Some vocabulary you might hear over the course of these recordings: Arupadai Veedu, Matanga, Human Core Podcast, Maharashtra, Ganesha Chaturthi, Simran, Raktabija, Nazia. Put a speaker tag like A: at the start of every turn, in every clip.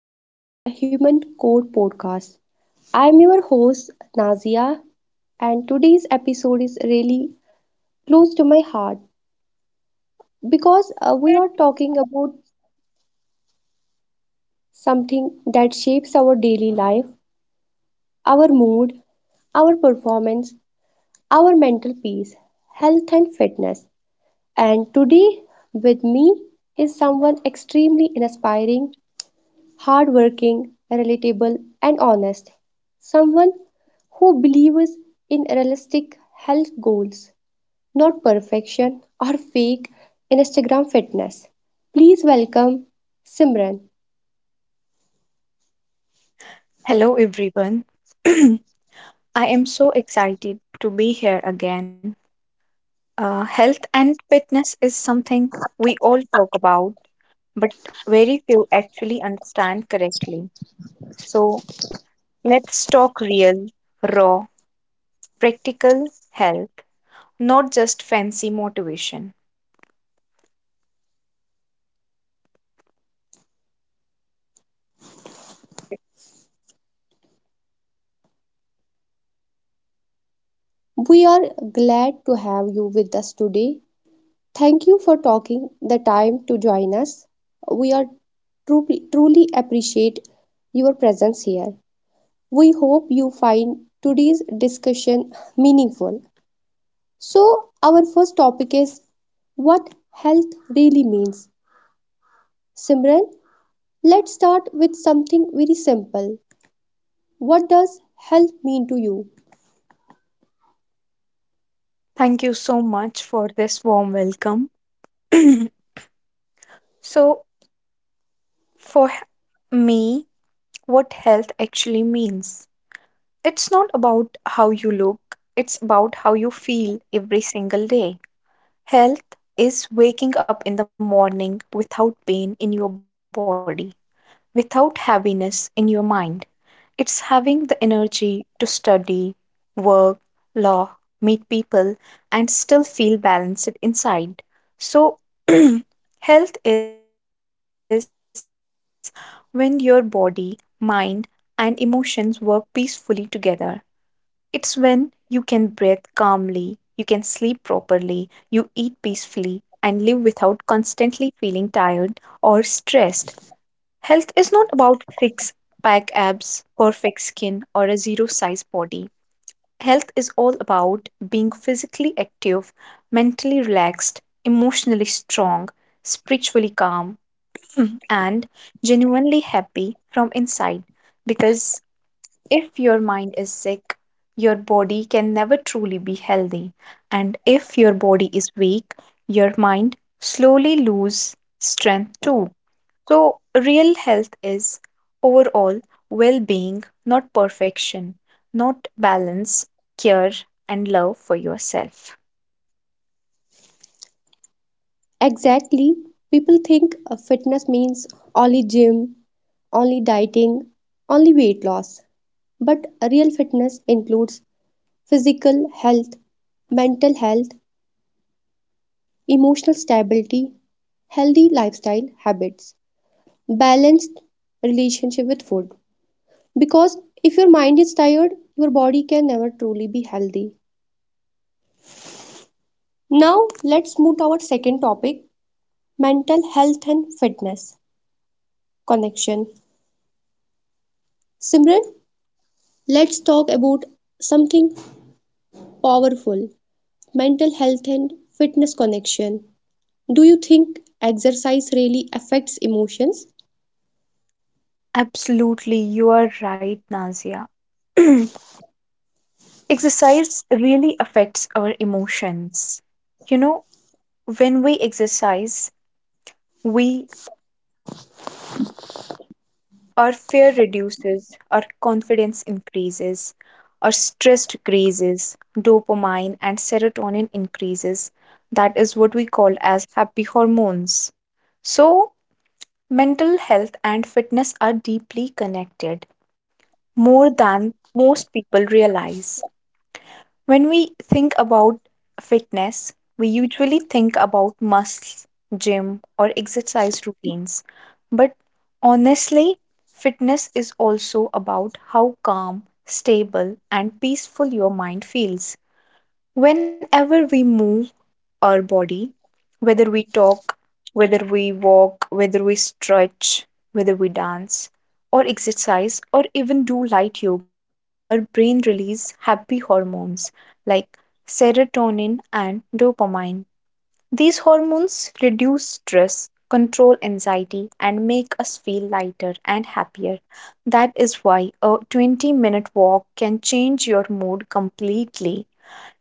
A: of the Human Core Podcast. I'm your host, Nazia, and today's episode is really close to my heart because we are talking about something that shapes our daily life, our mood, our performance, our mental peace, health, and fitness. And today, with me is someone extremely inspiring, hardworking, relatable, and honest. Someone who believes in realistic health goals, not perfection or fake Instagram fitness. Please welcome Simran.
B: Hello, everyone. I am so excited to be here again. Health and fitness is something we all talk about, but very few actually understand correctly. So let's talk real, raw, practical health, not just fancy motivation.
A: We are glad to have you with us today. Thank you for taking the time to join us. We are truly, truly appreciate your presence here. We hope you find today's discussion meaningful. So, our first topic is what health really means. Simran, let's start with something very simple. What does health mean to you?
B: Thank you so much for this warm welcome. So for me, what health actually means. It's not about how you look, it's about how you feel every single day. Health is waking up in the morning without pain in your body, without heaviness in your mind. It's having the energy to study, work, law, meet people, and still feel balanced inside. So, health is when your body, mind, and emotions work peacefully together. It's when you can breathe calmly, you can sleep properly, you eat peacefully, and live without constantly feeling tired or stressed. Health is not about six pack abs, perfect skin, or a zero size body. Health is all about being physically active, mentally relaxed, emotionally strong, spiritually calm, and genuinely happy from inside, because if your mind is sick, your body can never truly be healthy. And if your body is weak, your mind slowly lose strength too. So real health is overall well-being, not perfection, not balance, care and love for yourself.
A: Exactly, people think fitness means only gym, only dieting, only weight loss. But real fitness includes physical health, mental health, emotional stability, healthy lifestyle habits, balanced relationship with food. Because if your mind is tired, your body can never truly be healthy. Now, let's move to our second topic, mental health and fitness connection. Simran, let's talk about something powerful, mental health and fitness connection. Do you think exercise really affects emotions?
B: Absolutely, you are right, Nazia. Exercise really affects our emotions. You know, when we exercise, we our fear reduces, our confidence increases, our stress decreases, dopamine and serotonin increases. That is what we call as happy hormones. So, mental health and fitness are deeply connected, more than most people realize. When we think about fitness, we usually think about muscles, gym, or exercise routines. But honestly, fitness is also about how calm, stable, and peaceful your mind feels. Whenever we move our body, whether we talk, whether we walk, whether we stretch, whether we dance or exercise or even do light yoga, our brain releases happy hormones like serotonin and dopamine. These hormones reduce stress, control anxiety, and make us feel lighter and happier. That is why a 20-minute walk can change your mood completely.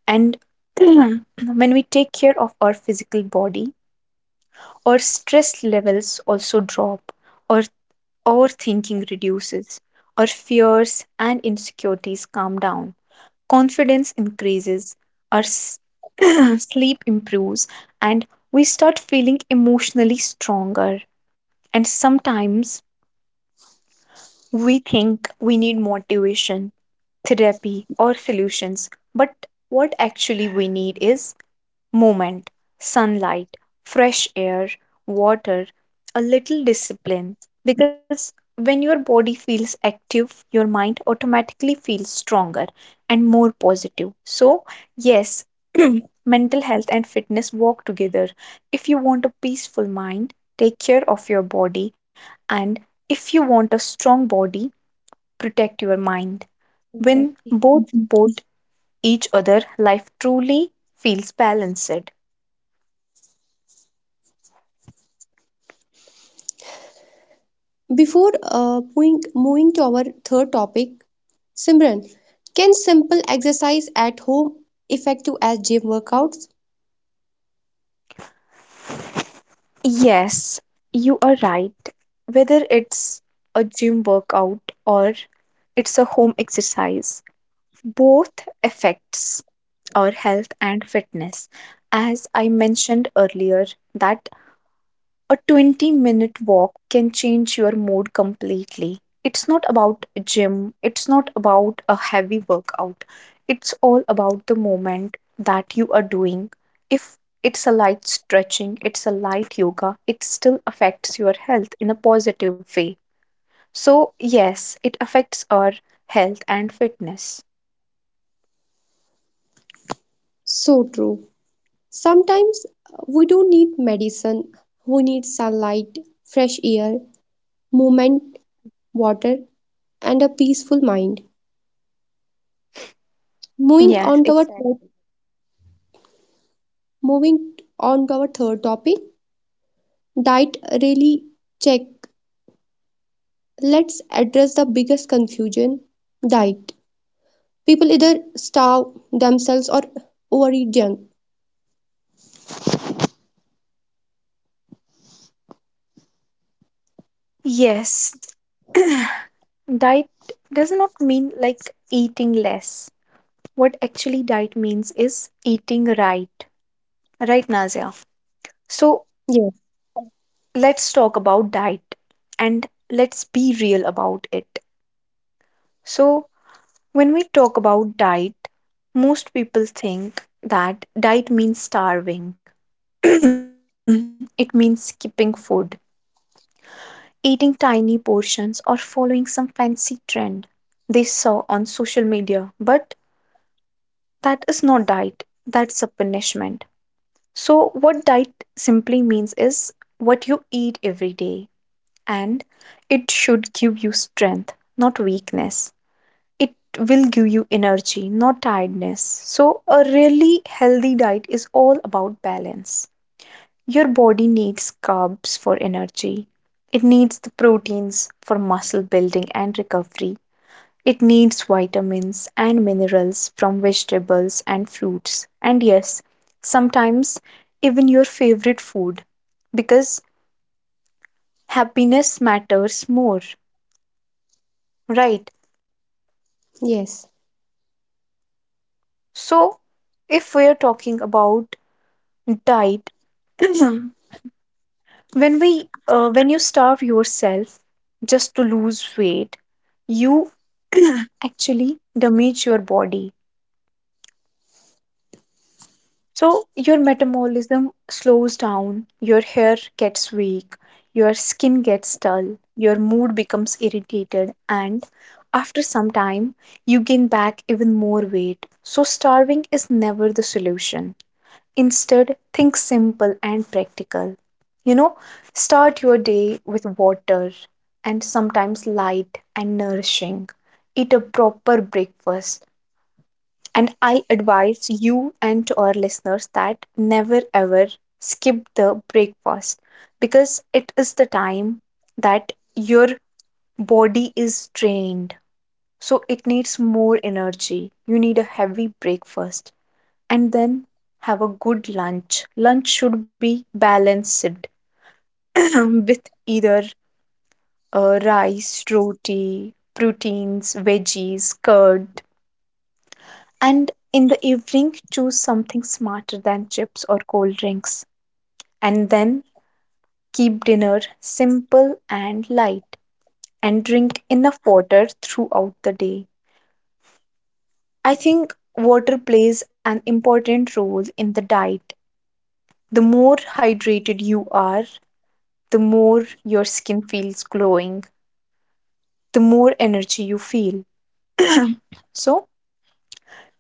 B: And when we take care of our physical body, our stress levels also drop, our overthinking reduces, our fears and insecurities calm down, confidence increases, our s- sleep improves, and we start feeling emotionally stronger. And sometimes we think we need motivation, therapy, or solutions, but what actually we need is movement, sunlight, fresh air, water, a little discipline. Because when your body feels active, your mind automatically feels stronger and more positive. So, yes, mental health and fitness walk together. If you want a peaceful mind, take care of your body. And if you want a strong body, protect your mind. When
A: Exactly.
B: both support each other, life truly feels balanced.
A: Before moving to our third topic, Simran, can simple exercise at home effective as gym workouts?
B: Yes, you are right. Whether it's a gym workout or it's a home exercise, both affects our health and fitness. As I mentioned earlier, that a 20-minute walk can change your mood completely. It's not about a gym, it's not about a heavy workout. It's all about the moment that you are doing. If it's a light stretching, it's a light yoga, it still affects your health in a positive way. So, yes, it affects our health and fitness.
A: So true. Sometimes we don't need medicine, we need sunlight, fresh air, movement, water, and a peaceful mind. Moving on
B: Yes,
A: to our
B: exactly.
A: third, Moving on to our third topic, diet really check. Let's address the biggest confusion, diet. People either starve themselves or overeat junk.
B: Yes. Diet does not mean like eating less. What actually diet means is eating right. Right, Nazia? So
A: Yes,
B: let's talk about diet and let's be real about it. So, when we talk about diet, most people think that diet means starving, it means skipping food, eating tiny portions, or following some fancy trend they saw on social media. But that is not diet, that's a punishment. So, what diet simply means is what you eat every day, and it should give you strength, not weakness. It will give you energy, not tiredness. So, a really healthy diet is all about balance. Your body needs carbs for energy, it needs the proteins for muscle building and recovery. It needs vitamins and minerals from vegetables and fruits, and yes, sometimes even your favorite food, because happiness matters more, right?
A: yes,
B: So, if we are talking about diet, when we when you starve yourself just to lose weight, you actually damage your body. So your metabolism slows down, your hair gets weak, your skin gets dull, your mood becomes irritated, and after some time, you gain back even more weight. So starving is never the solution. Instead, think simple and practical. You know, start your day with water and sometimes light and nourishing. Eat a proper breakfast, and I advise you and to our listeners that never ever skip the breakfast, because it is the time that your body is drained. So it needs more energy. You need a heavy breakfast and then have a good lunch. Lunch should be balanced with either rice, roti, proteins, veggies, curd. And in the evening, choose something smarter than chips or cold drinks. And then keep dinner simple and light and drink enough water throughout the day. I think water plays an important role in the diet. The more hydrated you are, the more your skin feels glowing, the more energy you feel. So,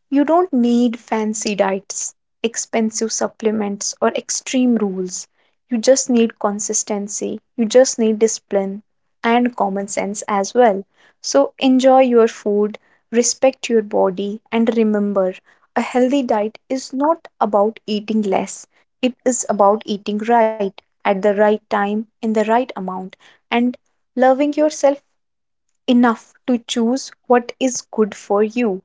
B: you don't need fancy diets, expensive supplements, or extreme rules. You just need consistency, you just need discipline and common sense as well. So enjoy your food, respect your body, and remember a healthy diet is not about eating less, it is about eating right at the right time, in the right amount, and loving yourself enough to choose what is good for you.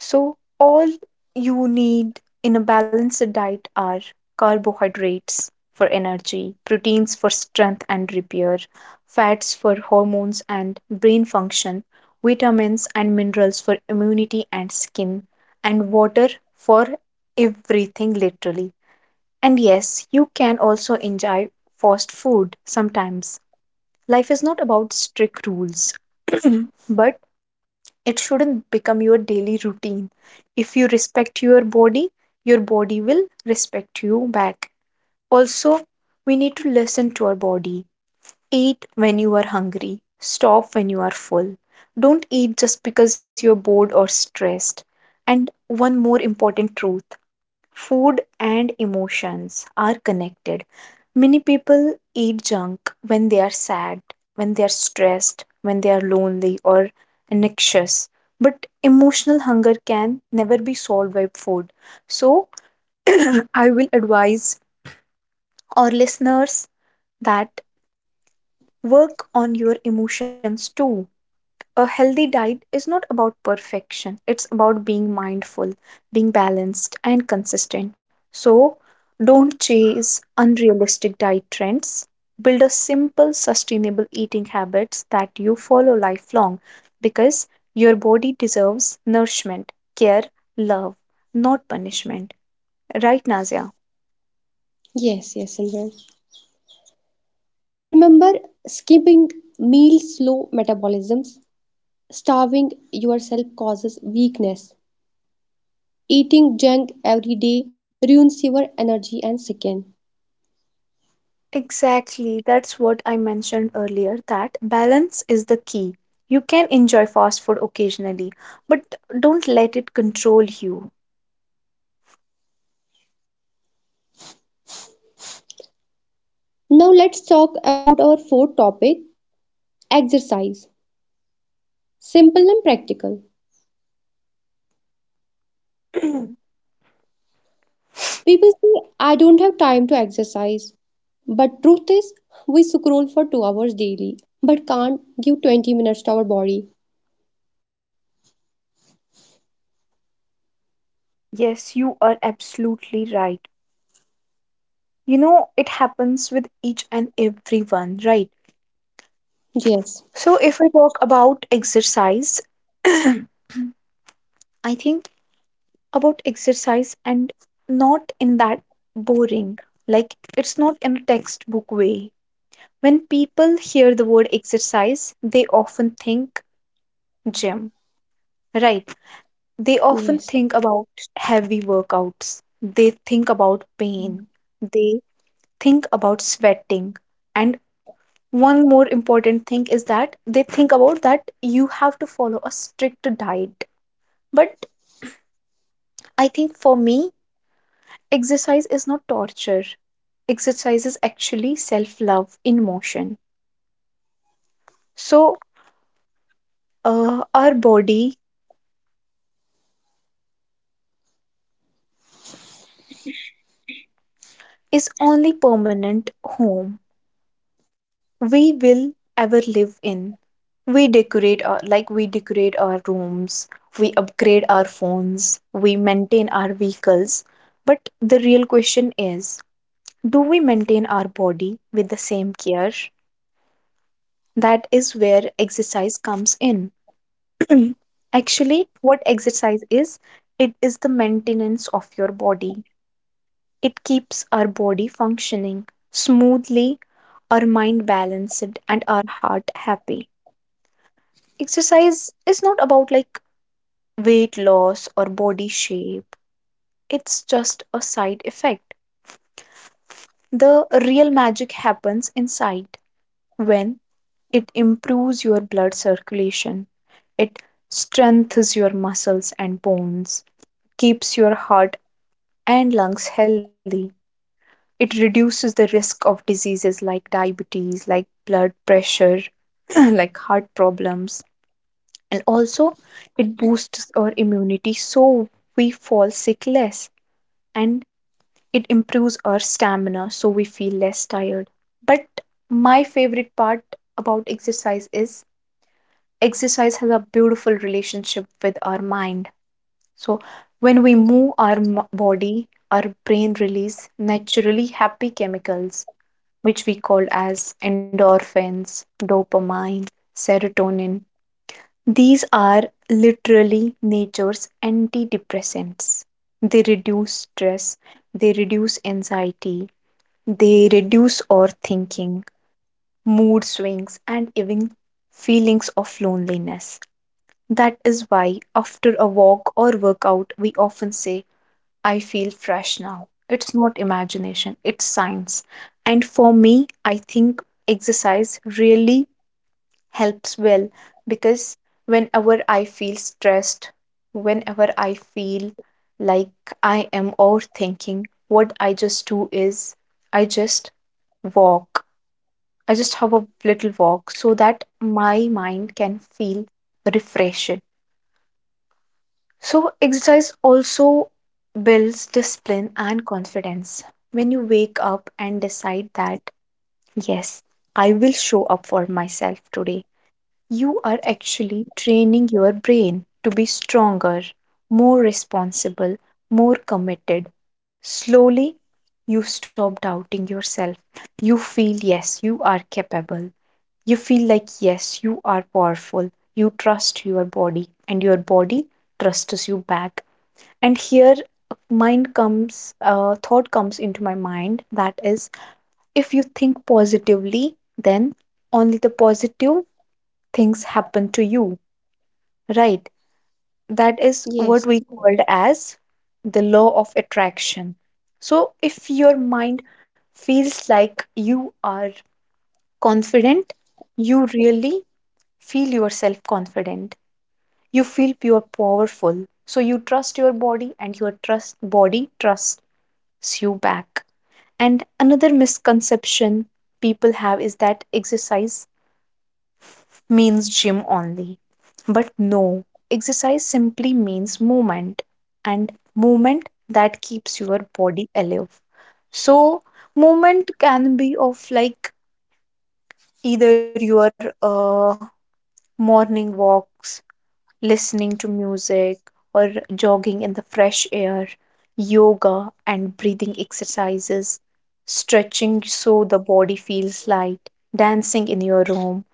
B: So, all you need in a balanced diet are carbohydrates for energy, proteins for strength and repair, fats for hormones and brain function, vitamins and minerals for immunity and skin, and water for everything, literally. And yes, you can also enjoy fast food sometimes. Life is not about strict rules, but it shouldn't become your daily routine. If you respect your body, your body will respect you back. Also, we need to listen to our body. Eat when you are hungry, stop when you are full, don't eat just because you're bored or stressed. And one more important truth: food and emotions are connected. Many people eat junk when they are sad, when they are stressed, when they are lonely or anxious. But emotional hunger can never be solved by food. So, I will advise our listeners that work on your emotions too. A healthy diet is not about perfection, it's about being mindful, being balanced and consistent. So don't chase unrealistic diet trends, build a simple sustainable eating habits that you follow lifelong, because your body deserves nourishment, care, love, not punishment. Right, Nazia?
A: yes, Simran. And remember, skipping meals slow metabolisms. Starving yourself causes weakness. Eating junk every day ruins your energy and skin.
B: Exactly, that's what I mentioned earlier, that balance is the key. You can enjoy fast food occasionally, but don't let it control you.
A: Now let's talk about our fourth topic, exercise. Simple and practical. People say I don't have time to exercise. But truth is we scroll for 2 hours daily but can't give 20 minutes to our body.
B: Yes, you are absolutely right. You know, it happens with each and everyone, right?
A: Yes.
B: So, if we talk about exercise, I think about exercise, and not in that boring, like it's not in a textbook way. When people hear the word exercise, they often think gym. Right. They often
A: Yes.
B: think about heavy workouts. They think about pain. They think about sweating. And one more important thing is that they think about that you have to follow a strict diet. But I think for me, exercise is not torture. Exercise is actually self-love in motion. So, our body is only permanent home we will ever live in. We decorate our Like we decorate our rooms, we upgrade our phones, we maintain our vehicles. But the real question is, do we maintain our body with the same care? That is where exercise comes in. Actually, what exercise is, it is the maintenance of your body. It keeps our body functioning smoothly, our mind balanced, and our heart happy. Exercise is not about like weight loss or body shape, it's just a side effect. The real magic happens inside, when it improves your blood circulation, it strengthens your muscles and bones, keeps your heart and lungs healthy. It reduces the risk of diseases like diabetes, like blood pressure, like heart problems. And also it boosts our immunity, so we fall sick less, and it improves our stamina, so we feel less tired. But my favorite part about exercise is exercise has a beautiful relationship with our mind. So when we move our body, our brain release naturally happy chemicals, which we call as endorphins, dopamine, serotonin. These are literally nature's antidepressants. They reduce stress, they reduce anxiety, they reduce overthinking, mood swings, and even feelings of loneliness. That is why, after a walk or workout, we often say, I feel fresh now. It's not imagination, it's science. And for me, I think exercise really helps well because whenever I feel stressed, whenever I feel like I am overthinking, what I just do is I just walk. I just have a little walk so that my mind can feel refreshed. So, exercise also builds discipline and confidence. When you wake up and decide that, yes, I will show up for myself today. You are actually training your brain to be stronger, more responsible, more committed. Slowly, you stop doubting yourself. You feel, yes, you are capable. You feel like, yes, you are powerful. You trust your body, and your body trusts you back. And here, thought comes into my mind that is, if you think positively, then only the positive things happen to you. Right. That is
A: Yes.
B: what we called as the law of attraction. So if your mind feels like you are confident, you really feel yourself confident. You feel pure powerful. So you trust your body and your trust body trusts you back. And another misconception people have is that exercise means gym only. But no, exercise simply means movement and movement that keeps your body alive. So, movement can be of like either your morning walks, listening to music, or jogging in the fresh air, yoga and breathing exercises, stretching so the body feels light, dancing in your room,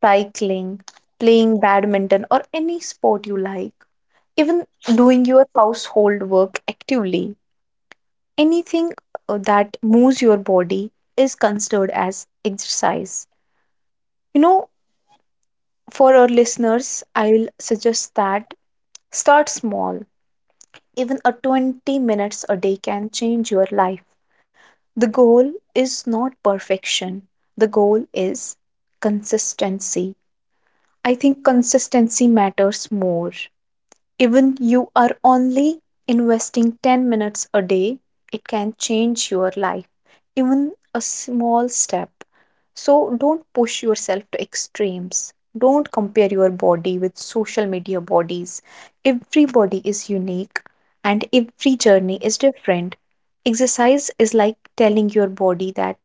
B: cycling, playing badminton, or any sport you like, even doing your household work actively. Anything that moves your body is considered as exercise. You know, for our listeners, I will suggest that start small. Even a 20 minutes a day can change your life. The goal is not perfection. The goal is consistency. I think consistency matters more. Even you are only investing 10 minutes a day, it can change your life, even a small step. So don't push yourself to extremes. Don't compare your body with social media bodies. Everybody is unique and every journey is different. Exercise is like telling your body that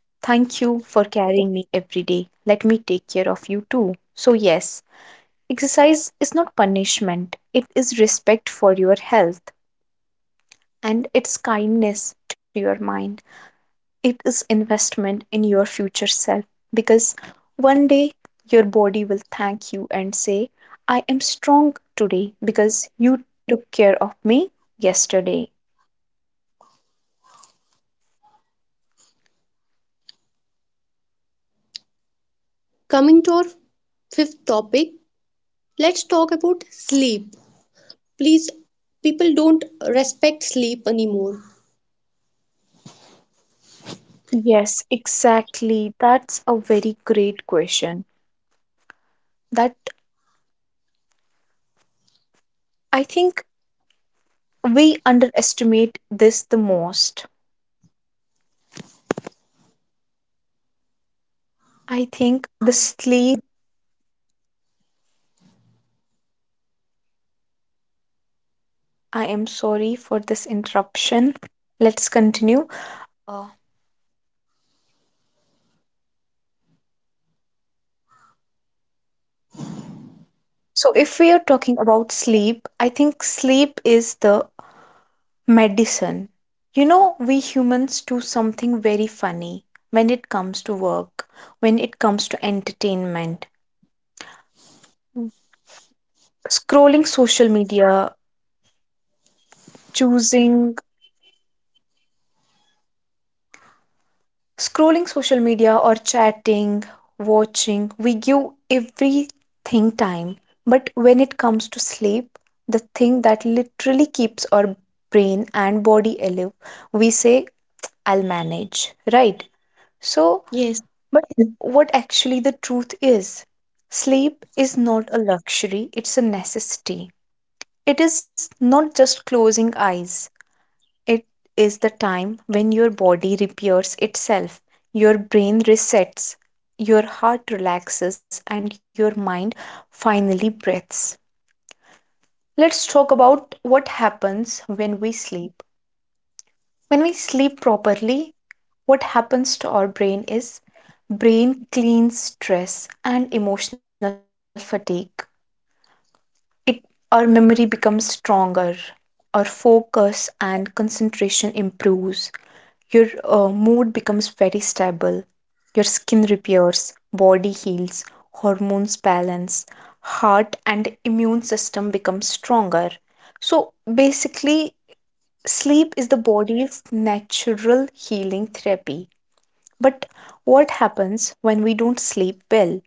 B: thank you for carrying me every day. Let me take care of you too. So, yes, exercise is not punishment, it is respect for your health and it's kindness to your mind. It is investment in your future self because one day your body will thank you and say, I am strong today because you took care of me yesterday.
A: Coming to our fifth topic, let's talk about sleep. Please, people don't respect sleep anymore.
B: Yes, exactly. That's a very great question. That I think we underestimate this the most. I think the sleep, I am sorry for this interruption. Let's continue. Uh, so, if we are talking about sleep, I think sleep is the medicine. You know, we humans do something very funny when it comes to work, when it comes to entertainment, scrolling social media, choosing Scrolling social media or chatting, watching, we give everything time. But when it comes to sleep, the thing that literally keeps our brain and body alive, we say, I'll manage, right? So,
A: Yes,
B: but what actually the truth is, sleep is not a luxury, it's a necessity. It is not just closing eyes, it is the time when your body repairs itself, your brain resets, your heart relaxes, and your mind finally breathes. Let's talk about what happens when we sleep. When we sleep properly, what happens to our brain is brain cleans stress and emotional fatigue. It our memory becomes stronger, our focus and concentration improves, your mood becomes very stable, your skin repairs, body heals, hormones balance, heart and immune system becomes stronger. So basically, sleep is the body's natural healing therapy. But what happens when we don't sleep well?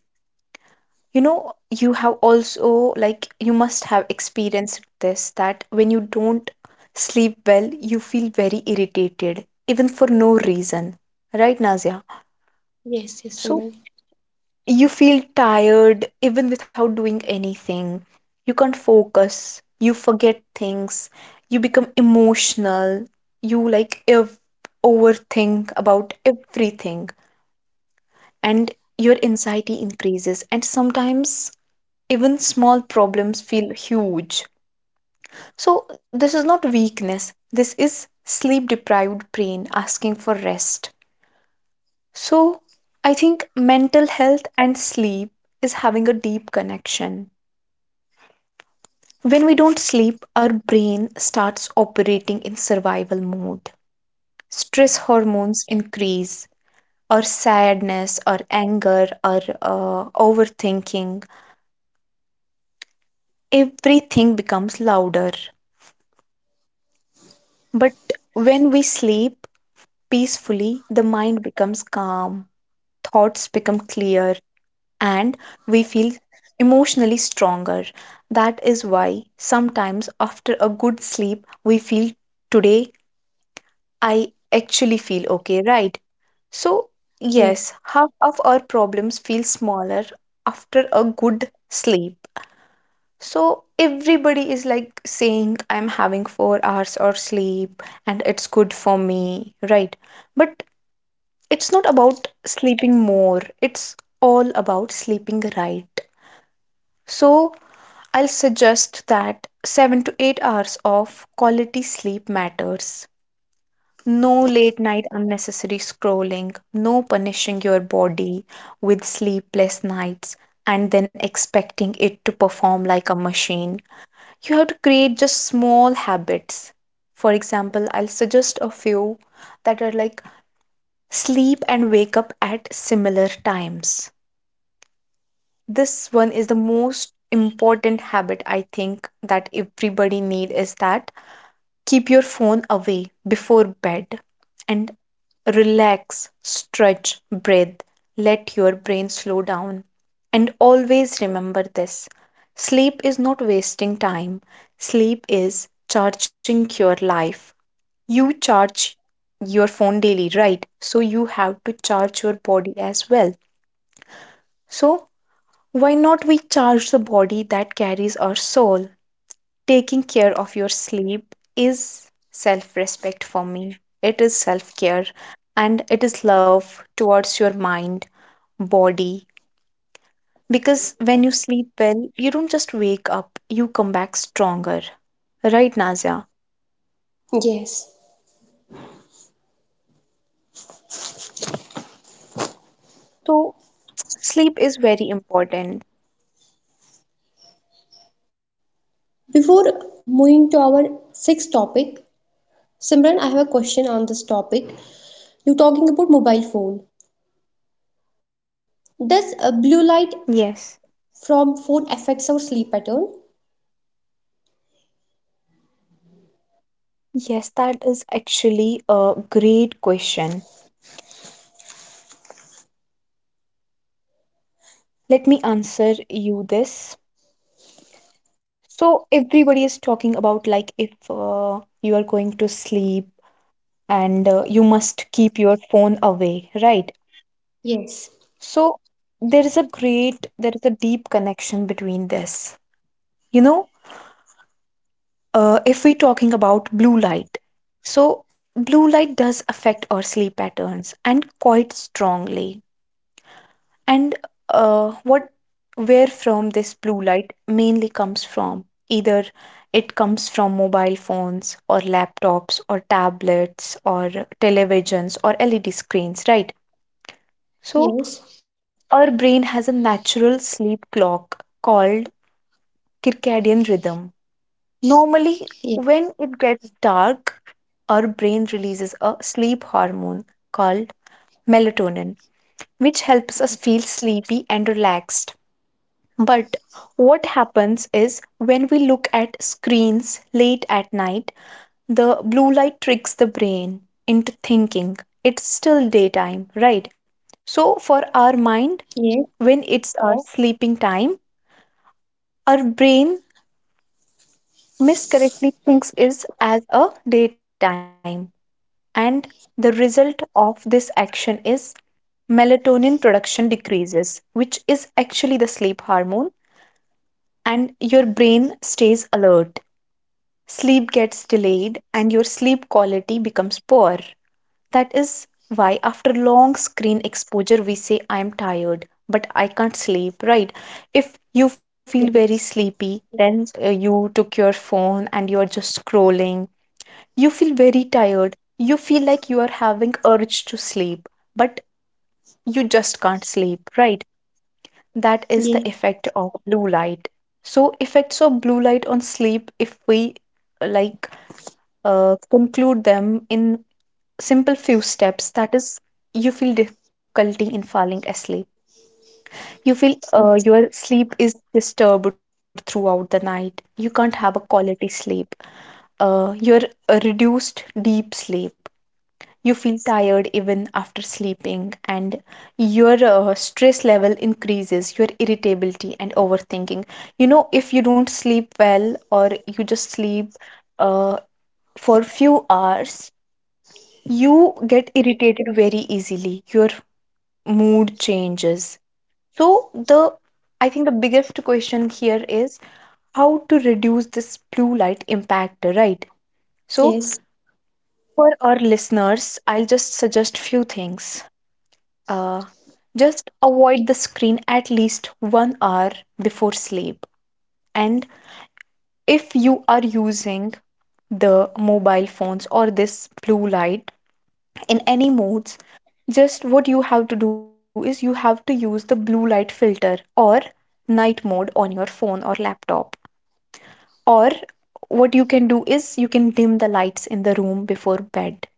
B: You know, you have also, like, you must have experienced this that when you don't sleep well, you feel very irritated, even for no reason. Right, Nazia?
A: yes,
B: So
A: Simran.
B: you feel tired even without doing anything. You can't focus. You forget things. You become emotional. You overthink about everything. And your anxiety increases. And sometimes even small problems feel huge. So, this is not weakness, this is sleep deprived brain asking for rest. So, I think mental health and sleep is having a deep connection. When we don't sleep, our brain starts operating in survival mode. Stress hormones increase, our sadness, our anger, our overthinking. Everything becomes louder. But when we sleep peacefully, the mind becomes calm, thoughts become clear, and we feel emotionally stronger. That is why sometimes after a good sleep, we feel today I actually feel okay, right? So,
A: Yes.
B: yes, half of our problems feel smaller after a good sleep. So, everybody is like saying, I'm having 4 hours or sleep and it's good for me, right? But it's not about sleeping more, it's all about sleeping right. So I'll suggest that 7 to 8 hours of quality sleep matters. No late night unnecessary scrolling, no punishing your body with sleepless nights and then expecting it to perform like a machine. You have to create just small habits. For example, I'll suggest a few that are like sleep and wake up at similar times. This one is the most important habit, I think, that everybody need is that keep your phone away before bed and relax, stretch, breathe, let your brain slow down. And always remember this, sleep is not wasting time, sleep is charging your life. You charge your phone daily, right? So you have to charge your body as well. So why not we charge the body that carries our soul? Taking care of your sleep is self respect for me. It is self care and it is love towards your mind, body. Because when you sleep well, you don't just wake up, you come back stronger. Right, Nazia?
A: Yes.
B: So, sleep is very important.
A: Before moving to our sixth topic, Simran, I have a question on this topic. You're talking about mobile phone.
B: Yes.
A: Does a blue light from phone affects our sleep pattern?
B: Yes, that is actually a great question. Let me answer you this. So everybody is talking about like if you are going to sleep and you must keep your phone away, right?
A: Yes.
B: So there is a deep connection between this. You know, if we're talking about blue light, so blue light does affect our sleep patterns and quite strongly. And what where from this blue light mainly comes from, either it comes from mobile phones or laptops or tablets or televisions or LED screens, right? So
A: Yes.
B: our brain has a natural sleep clock called circadian rhythm. Normally,
A: Yes.
B: when it gets dark, our brain releases a sleep hormone called melatonin, which helps us feel sleepy and relaxed. But what happens is when we look at screens late at night, the blue light tricks the brain into thinking it's still daytime, right? So, for our
A: Yes.
B: mind, when it's our sleeping time, our brain miscorrectly thinks it as a daytime. And the result of this action is melatonin production decreases, which is actually the sleep hormone, and your brain stays alert. Sleep gets delayed and your sleep quality becomes poor. That is why, after long screen exposure, we say, I am tired, but I can't sleep, right? If you feel very
A: Yes.
B: sleepy, then you took your phone and you're just scrolling. You feel very tired. You feel like you are having urge to sleep, but you just can't sleep, right? That is
A: Yes.
B: the effect of blue light. So, effects of blue light on sleep, if we uh, like conclude them in simple few steps, that is you feel difficulty in falling asleep, you feel
A: Yes.
B: your sleep is disturbed throughout the night, you can't have a quality sleep, you're a reduced deep sleep, you feel tired even after sleeping, and your stress level increases your irritability and overthinking. You know, if you don't sleep well or you just sleep uh, for few hours, you get irritated very easily, your mood changes. So the I think the biggest question here is how to reduce this blue light impact, right? So
A: Yes.
B: for our listeners, I'll just suggest few things. Uh, just avoid the screen at least 1 hour before sleep. And if you are using the mobile phones or this blue light in any modes, just what you have to do is you have to use the blue light filter or night mode on your phone or laptop. Or what you can do is you can dim the lights in the room before bed,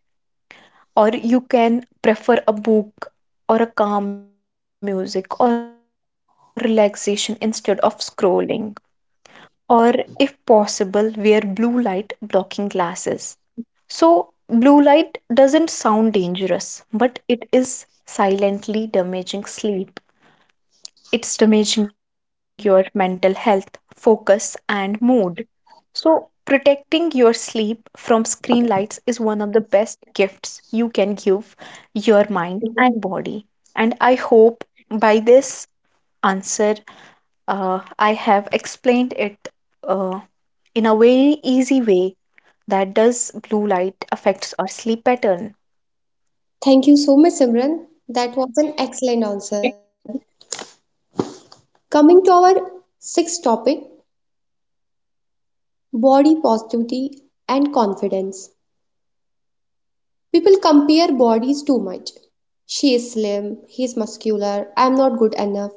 B: or you can prefer a book or a calm music or relaxation instead of scrolling, or if possible wear blue light blocking glasses. So blue light doesn't sound dangerous, but it is silently damaging sleep, it's damaging your mental health, focus, and mood. So, protecting your sleep from screen lights is one of the best gifts you can give your mind and body. And I hope by this answer, I have explained it uh, in a very easy way that does blue light affects our sleep pattern.
A: Thank you so much, Simran. That was an excellent answer. Coming to our sixth topic, body positivity and confidence. People compare bodies too much. She is slim, he is muscular, I am not good enough.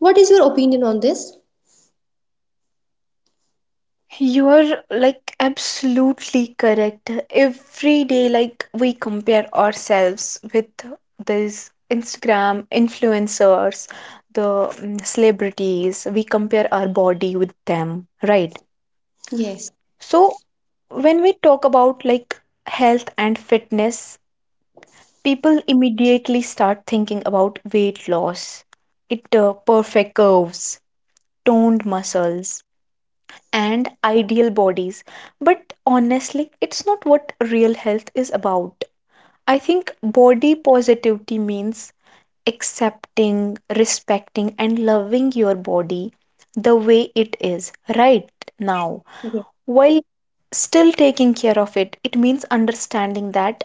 A: What is your opinion on this?
B: You're like absolutely correct. Every day, like, we compare ourselves with these Instagram influencers, the celebrities, we compare our body with them, right?
A: Yes,
B: So, when we talk about like health and fitness, people immediately start thinking about weight loss, it perfect curves, toned muscles, and ideal bodies. But honestly, it's not what real health is about. I think body positivity means accepting, respecting, and loving your body the way it is right now
A: yes,
B: while still taking care of it. It means understanding that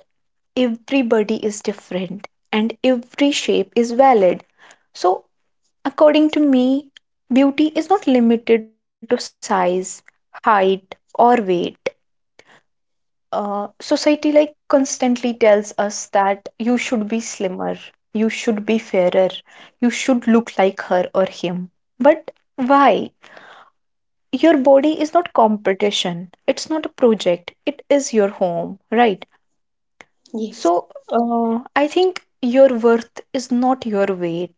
B: everybody is different and every shape is valid. So, according to me, beauty is not limited to size, height, or weight. Society like constantly tells us that you should be slimmer, you should be fairer, you should look like her or him. But why? Your body is not competition. It's not a project. It is your home, right?
A: yes,
B: So, I think your worth is not your weight.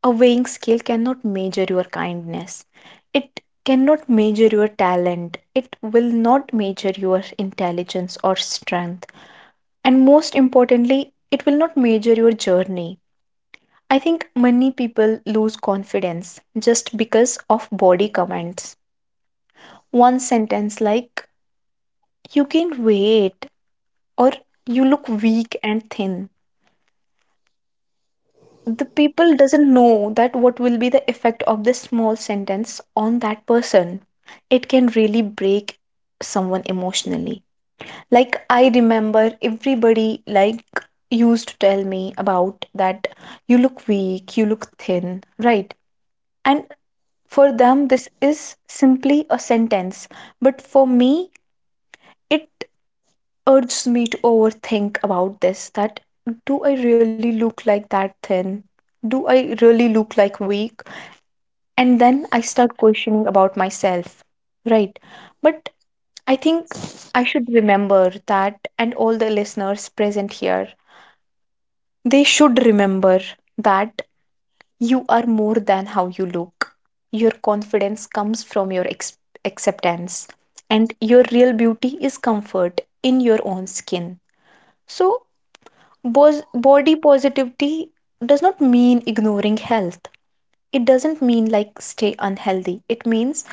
B: A weighing scale cannot measure your kindness. It cannot measure your talent. It will not measure your intelligence or strength. And most importantly, it will not measure your journey. I think many people lose confidence just because of body comments. One sentence like you gain weight or you look weak and thin. The people doesn't know that what will be the effect of this small sentence on that person. It can really break someone emotionally. Like, I remember everybody like used to tell me about that, you look weak, you look thin, right? And for them this is simply a sentence, but for me it urges me to overthink about this that do I really look like that thin, do I really look like weak, and then I start questioning about myself, right? But I think I should remember that, and all the listeners present here, they should remember that you are more than how you look. Your confidence comes from your acceptance, and your real beauty is comfort in your own skin. So, body positivity does not mean ignoring health. It doesn't mean like stay unhealthy. It means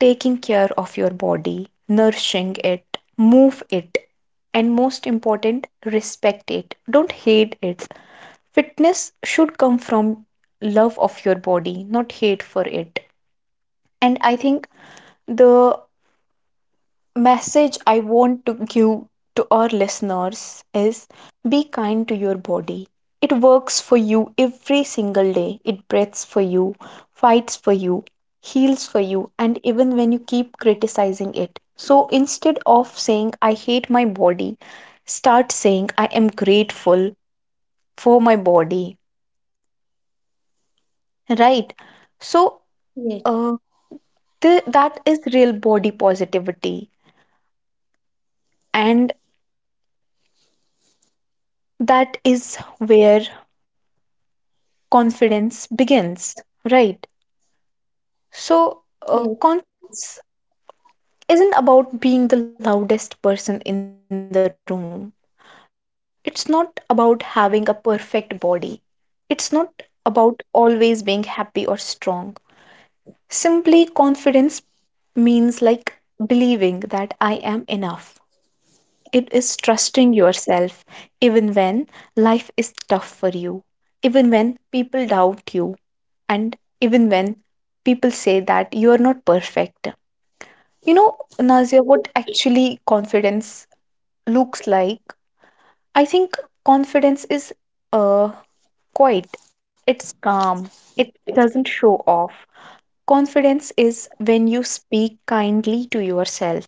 B: taking care of your body, nourishing it, move it, and most important, respect it. Don't hate it. Fitness should come from love of your body, not hate for it. And I think the message I want to give to our listeners is be kind to your body. It works for you every single day, it breathes for you, fights for you, heals for you, and even when you keep criticizing it. So instead of saying I hate my body, start saying I am grateful for my body, right? so
A: yes,
B: Uh, th- that is real body positivity, and that is where confidence begins, right? So,
A: yes,
B: confidence isn't about being the loudest person in the room, it's not about having a perfect body, it's not about always being happy or strong. Simply, confidence means like believing that I am enough. It is trusting yourself even when life is tough for you, even when people doubt you, and even when people say that you are not perfect. You know, Nazia, what actually confidence looks like? I think confidence is uh, quiet, it's calm, it doesn't show off. Confidence is when you speak kindly to yourself,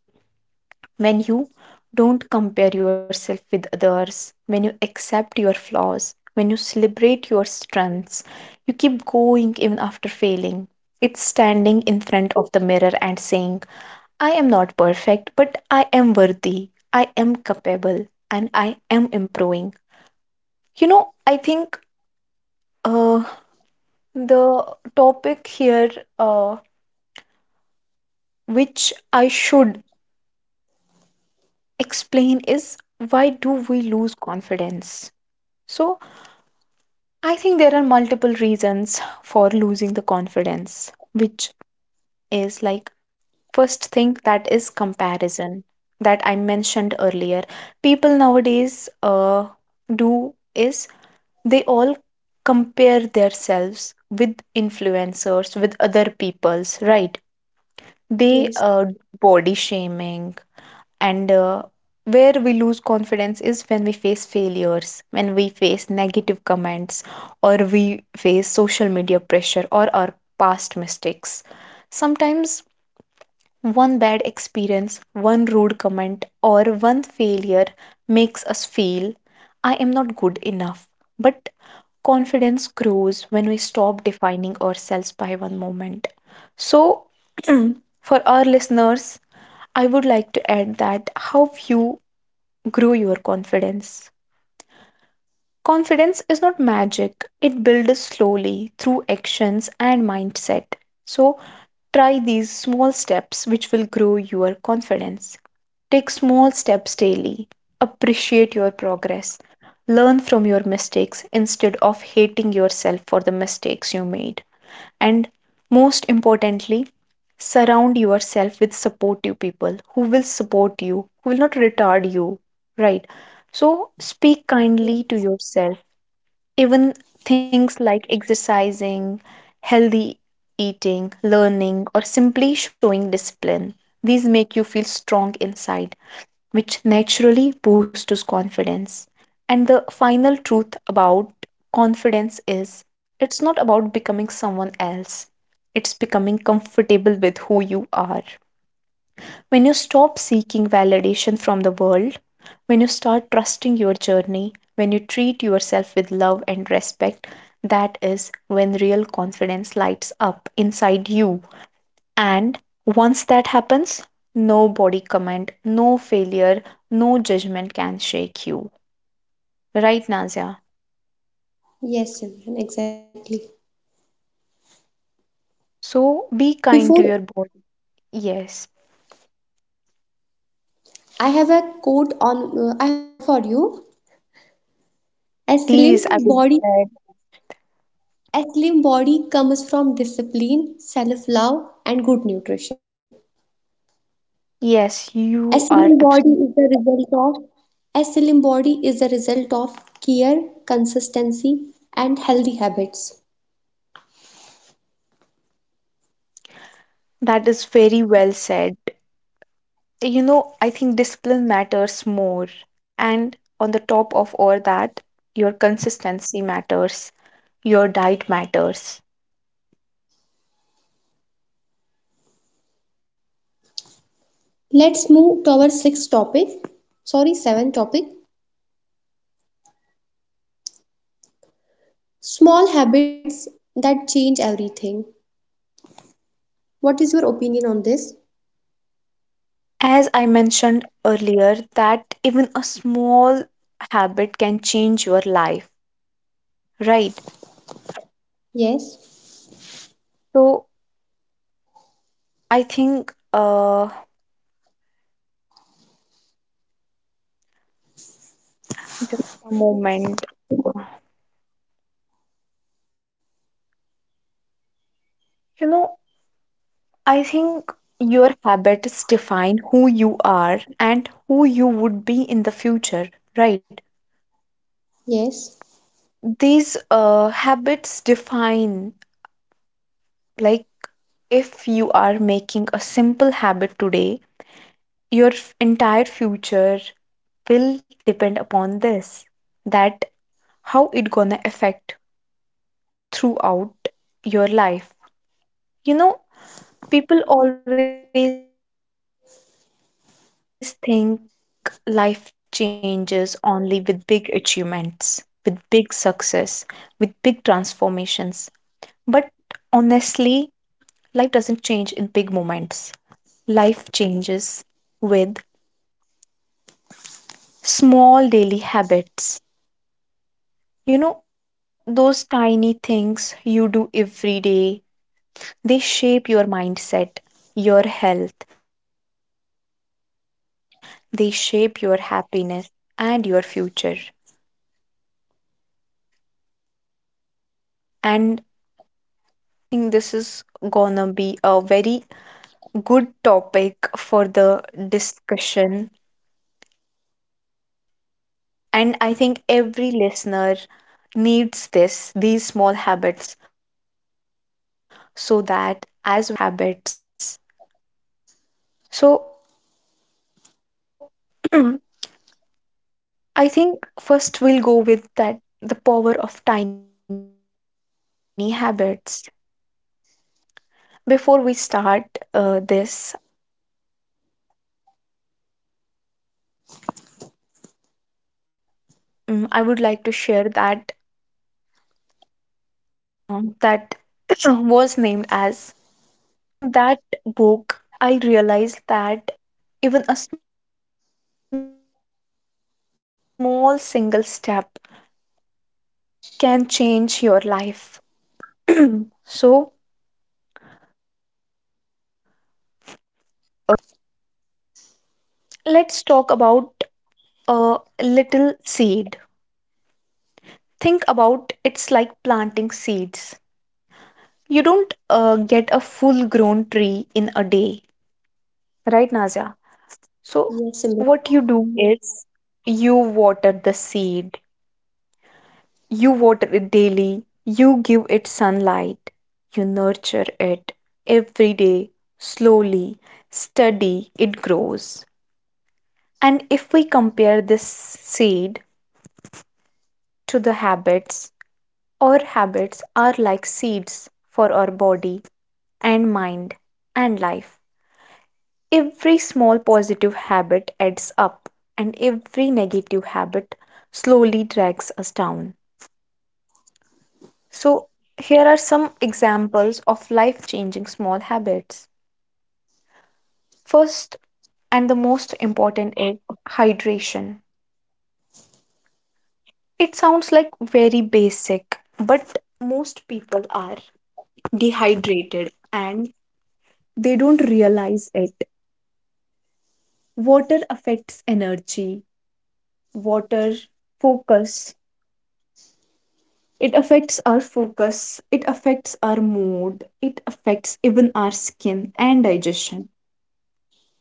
B: when you don't compare yourself with others, when you accept your flaws, when you celebrate your strengths, you keep going even after failing. It's standing in front of the mirror and saying, I am not perfect, but I am worthy, I am capable, and I am improving. You know, I think uh, the topic here, uh, which I should explain, is why do we lose confidence? So, I think there are multiple reasons for losing the confidence, which is like first thing that is comparison that I mentioned earlier. People nowadays do is they all compare themselves with influencers, with other people's, right? They
A: yes,
B: do body shaming and where we lose confidence is when we face failures, when we face negative comments, or we face social media pressure or our past mistakes. Sometimes one bad experience, one rude comment, or one failure makes us feel I am not good enough. But confidence grows when we stop defining ourselves by one moment. So, for our listeners, I would like to add that how you grow your confidence. Confidence is not magic, it builds slowly through actions and mindset. So, try these small steps which will grow your confidence. Take small steps daily. Appreciate your progress. Learn from your mistakes instead of hating yourself for the mistakes you made. And most importantly, surround yourself with supportive people who will support you, who will not retard you, right? So speak
A: yes,
B: kindly to yourself. Even things like exercising, healthy eating, learning, or simply showing discipline, these make you feel strong inside which naturally boosts confidence. And the final truth about confidence is it's not about becoming someone else, it's becoming comfortable with who you are. When you stop seeking validation from the world, when you start trusting your journey, when you treat yourself with love and respect, that is when real confidence lights up inside you. And once that happens, no body comment, no failure, no judgment can shake you. Right, Nazia?
A: yes, Simran, exactly.
B: So be kind to
A: Before
B: your body. Yes,
A: I have a quote on I have a quote for you. A
B: please, I
A: slim
B: would
A: body
B: glad.
A: A slim body comes from discipline, self-love, and good nutrition.
B: Yes, you
A: A
B: are
A: slim body
B: absolutely.
A: is the result a slim body is the result of care, consistency, and healthy habits.
B: That is very well said. You know, I think discipline matters more. And on the top of all that, your consistency matters, your diet matters.
A: Let's move to our sixth topic. Sorry, seventh topic. Small habits that change everything. What is your opinion on this?
B: As I mentioned earlier, that even a small habit can change your life, right?
A: Yes,
B: So I think, just a moment. You know, I think your habits define who you are and who you would be in the future, right?
A: yes,
B: These habits define, like, if you are making a simple habit today, your entire future will depend upon this that how it gonna affect throughout your life. You know, people always think life changes only with big achievements, with big success, with big transformations. But honestly, life doesn't change in big moments. Life changes with small daily habits. You know, those tiny things you do every day, they shape your mindset, your health, they shape your happiness and your future. And talking about those small habits, I think this is gonna be a very good topic for the discussion. And I think every listener needs this, these small habits, so that as we enter in our new year, we can adapt these habits. So I think first we'll go with that the power of tiny habits. Before we start this, I would like to share that I think I have read a book that was named as Good Habits. And from that book, I realized that even a small single step can change your life. So, let's start with the power of tiny habits. Let's talk about a little seed. Think about it's like planting seeds. You don't get a full grown tree in a day, right, Nazia? So,
A: yes, Simran.
B: what you do is you water the seed. You water it daily, you give it sunlight, you nurture it every day, slowly, steady, it grows. And if we compare this seed to the habits, our habits are like seeds for our body and mind and life. Every small positive habit adds up, and every negative habit slowly drags us down. So, here are some examples of life changing small habits. First, and the most important is hydration. It sounds like very basic, but most people are dehydrated and they don't realize it. Water affects energy, water, focus. It affects our focus, it affects our mood, it affects even our skin and digestion.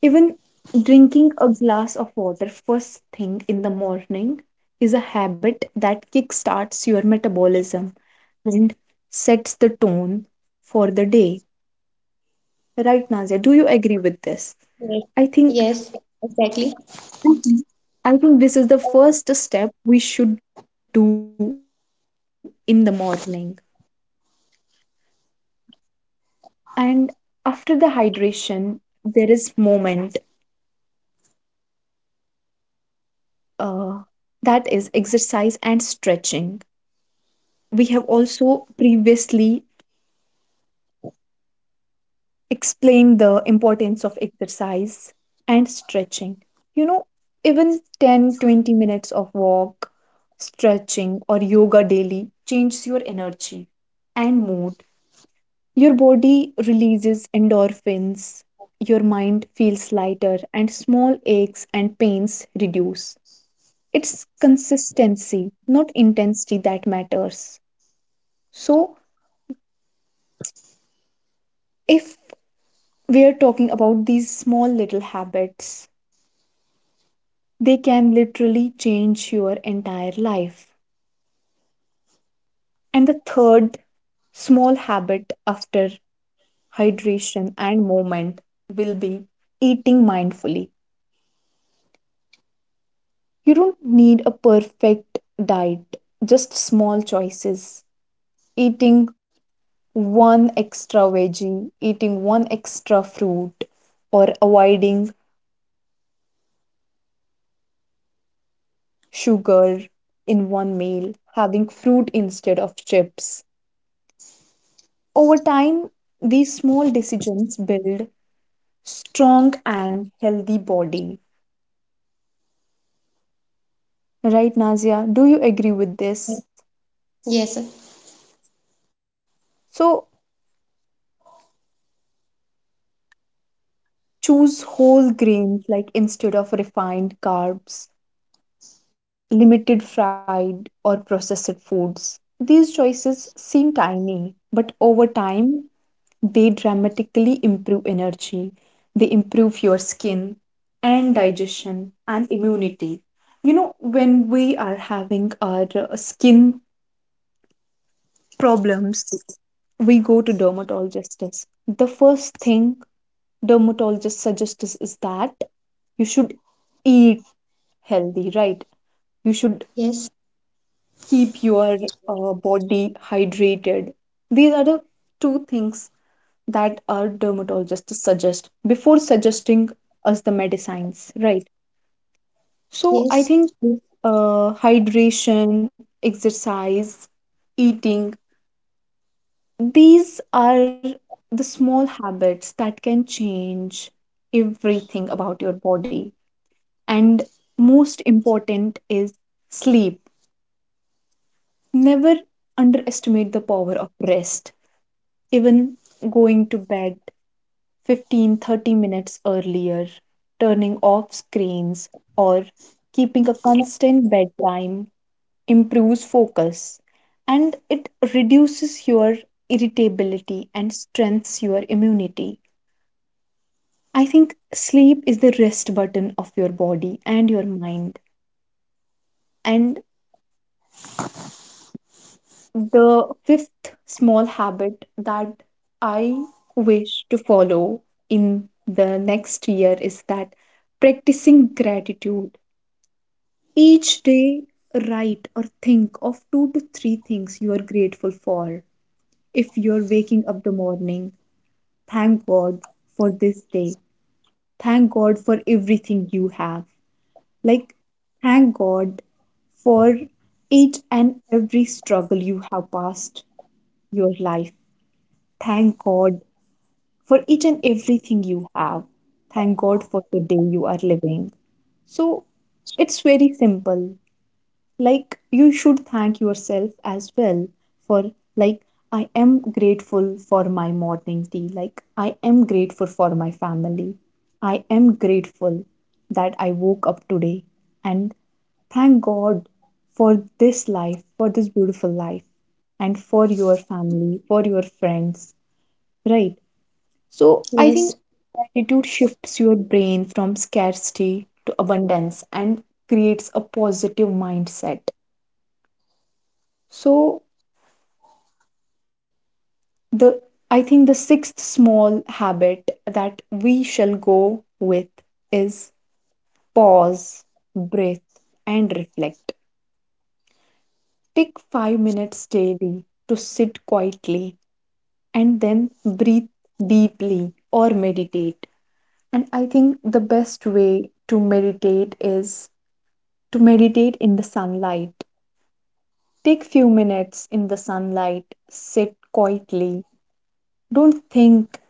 B: Even drinking a glass of water first thing in the morning is a habit that kickstarts your metabolism and sets the tone for the day. Right, Nazia, do you agree with this?
A: Yes,
B: I think
A: yes, exactly.
B: agree. I think this is the first step we should do in the morning. And after the hydration, there is moment uh, that is exercise and stretching. We have also previously explain the importance of exercise and stretching. You know, even 10, 20 minutes of walk, stretching, or yoga daily changes your energy and mood. Your body releases endorphins, your mind feels lighter, and small aches and pains reduce. It's consistency, not intensity, that matters. So, if we are talking about these small little habits. They can literally change your entire life. And the third small habit after hydration and movement will be eating mindfully. You don't need a perfect diet, just small choices. Eating one extra veggie, eating one extra fruit, or avoiding sugar in one meal, having fruit instead of chips. Over time, these small decisions build strong and healthy body. Right, Nazia? Do you agree with this?
A: Yes, sir.
B: So choose whole grains like instead of refined carbs, limited fried or processed foods. These choices seem tiny, but over time they dramatically improve energy, they improve your skin and digestion and immunity. You know, when we are having our skin problems, we go to dermatologists. The first thing dermatologist suggests is that you should eat healthy, right? You should
A: Yes,
B: keep your body hydrated. These are the two things that our dermatologist suggest before suggesting us the medicines, right? So I
A: yes,
B: think hydration, exercise, eating, these are the small habits that can change everything about your body. And most important is sleep. Never underestimate the power of rest. Even going to bed 15-30 minutes earlier, turning off screens, or keeping a constant bedtime improves focus and it reduces your irritability and strengthens your immunity. I think sleep is the rest button of your body and your mind. And the fifth small habit that I wish to follow in the next year is that practicing gratitude. Each day, write or think of two to three things you are grateful for. If you're waking up the morning, thank God for this day. Thank God for everything you have. Like, thank God for each and every struggle you have passed your life. Thank God for each and everything you have. Thank God for the day you are living. So, it's very simple, like you should thank yourself as well for, like, I am grateful for my morning tea, like I am grateful for my family, I am grateful that I woke up today, and thank God for this life, for this beautiful life, and for your family, for your friends, right? So I think
A: yes,
B: gratitude shifts your brain from scarcity to abundance and creates a positive mindset. So the I think the sixth small habit that we shall go with is pause, breathe and reflect. Take 5 minutes daily to sit quietly and then breathe deeply or meditate. And I think the best way to meditate is to meditate in the sunlight. Take few minutes in the sunlight, sit quietly. Don't think.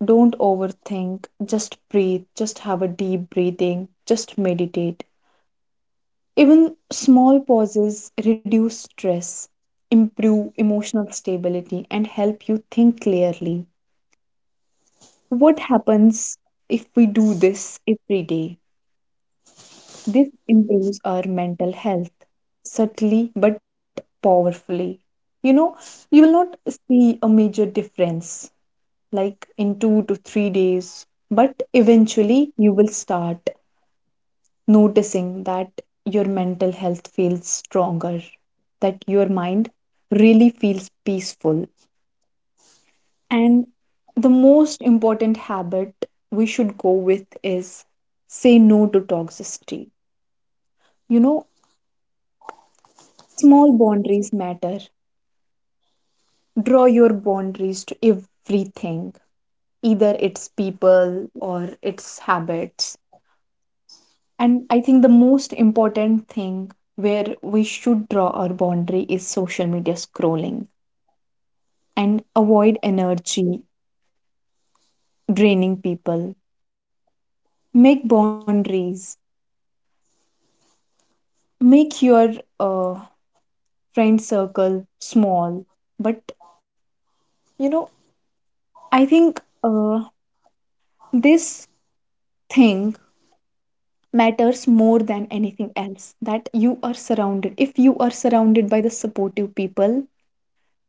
B: Don't overthink, just breathe, just have a deep breathing, just meditate. Even small pauses reduce stress, improve emotional stability, and help you think clearly. What happens if we do this every day? This improves our mental health subtly but powerfully. You know, you will not see a major difference like in 2 to 3 days, but eventually you will start noticing that your mental health feels stronger, that your mind really feels peaceful. And the most important habit we should go with is say no to toxicity. You know, small boundaries matter. Draw your boundaries to everything, either it's people or it's habits. And I think the most important thing where we should draw our boundary is social media scrolling and avoid energy draining people. Make boundaries. Make your uh, friend circle small. But you know, I think this thing matters more than anything else, that you are surrounded. If you are surrounded by the supportive people,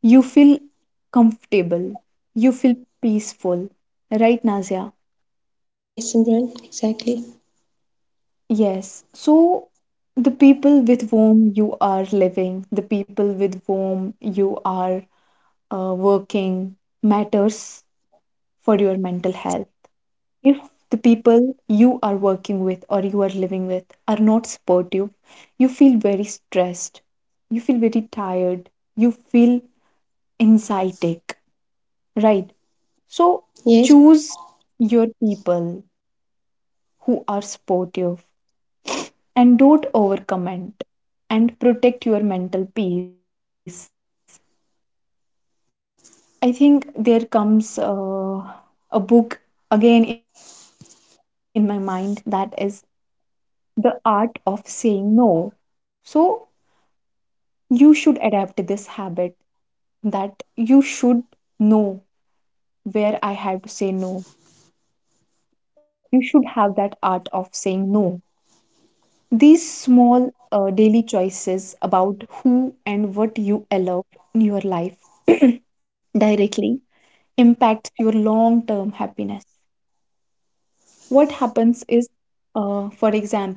B: you feel comfortable, you feel peaceful, right, Nazia?
A: yes, Simran. Exactly.
B: Yes. So the people with whom you are living, the people with whom you are working matters for your mental health. If the people you are working with or you are living with are not supportive, you feel very stressed, you feel very tired, you feel anxietic, right? So
A: Yes,
B: choose your people who are supportive and don't overcomment and protect your mental peace. I think there comes a book again in my mind, that is The Art of Saying No. So you should adapt this habit, that you should know where I have to say no. You should have that art of saying no. These small daily choices about who and what you allow in your life directly impacts your long term happiness. What happens is, for example,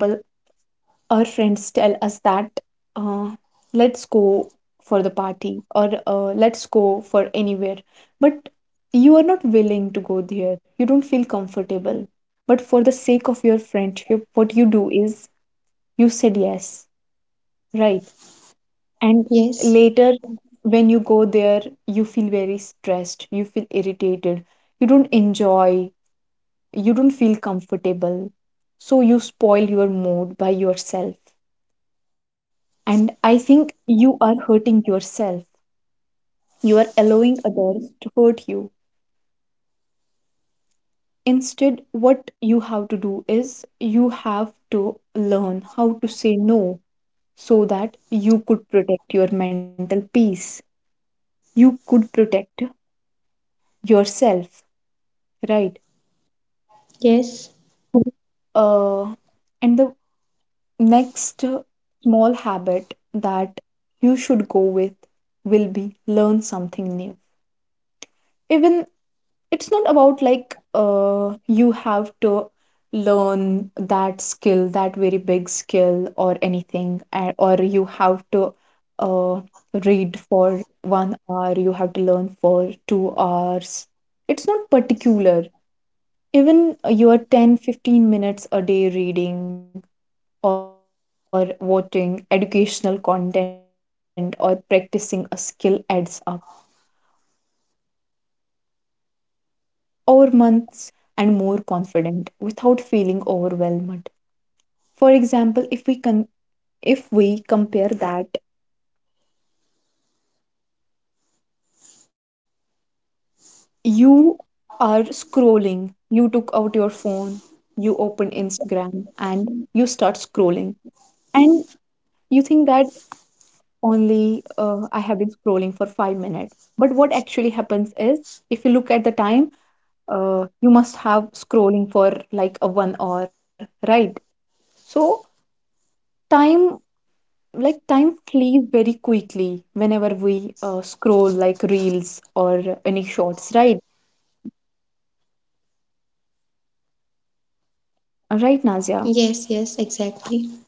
B: our friends tell us that uh, let's go for the party or let's go for anywhere, but you are not willing to go there, you don't feel comfortable. But for the sake of your friendship, what you do is you said yes, right? And
A: yes,
B: later, when you go there, you feel very stressed, you feel irritated, you don't enjoy, you don't feel comfortable, so you spoil your mood by yourself, and I think you are hurting yourself, you are allowing others to hurt you. Instead, what you have to do is you have to learn how to say no, so that you could protect your mental peace, you could protect yourself, right?
A: yes,
B: uh, and the Next small habit that you should go with will be learn something new. Even it's not about, like, you have to learn that skill, that very big skill or anything, or you have to uh, read for 1 hour, you have to learn for 2 hours. It's not particular. Even your 10, 15 minutes a day reading or watching educational content or practicing a skill adds up. Over months, you will notice you will become wiser, you will become more skilled and more confident without feeling overwhelmed. For example, if we can, if we compare that you are scrolling, you took out your phone, you open Instagram and you start scrolling, and you think that only I have been scrolling for 5 minutes. But what actually happens is, if you look at the time, you must have scrolling for like a 1 hour, right? So time, like time flees very quickly whenever we scroll like reels or any shorts, right? Right, Nazia?
A: yes, exactly.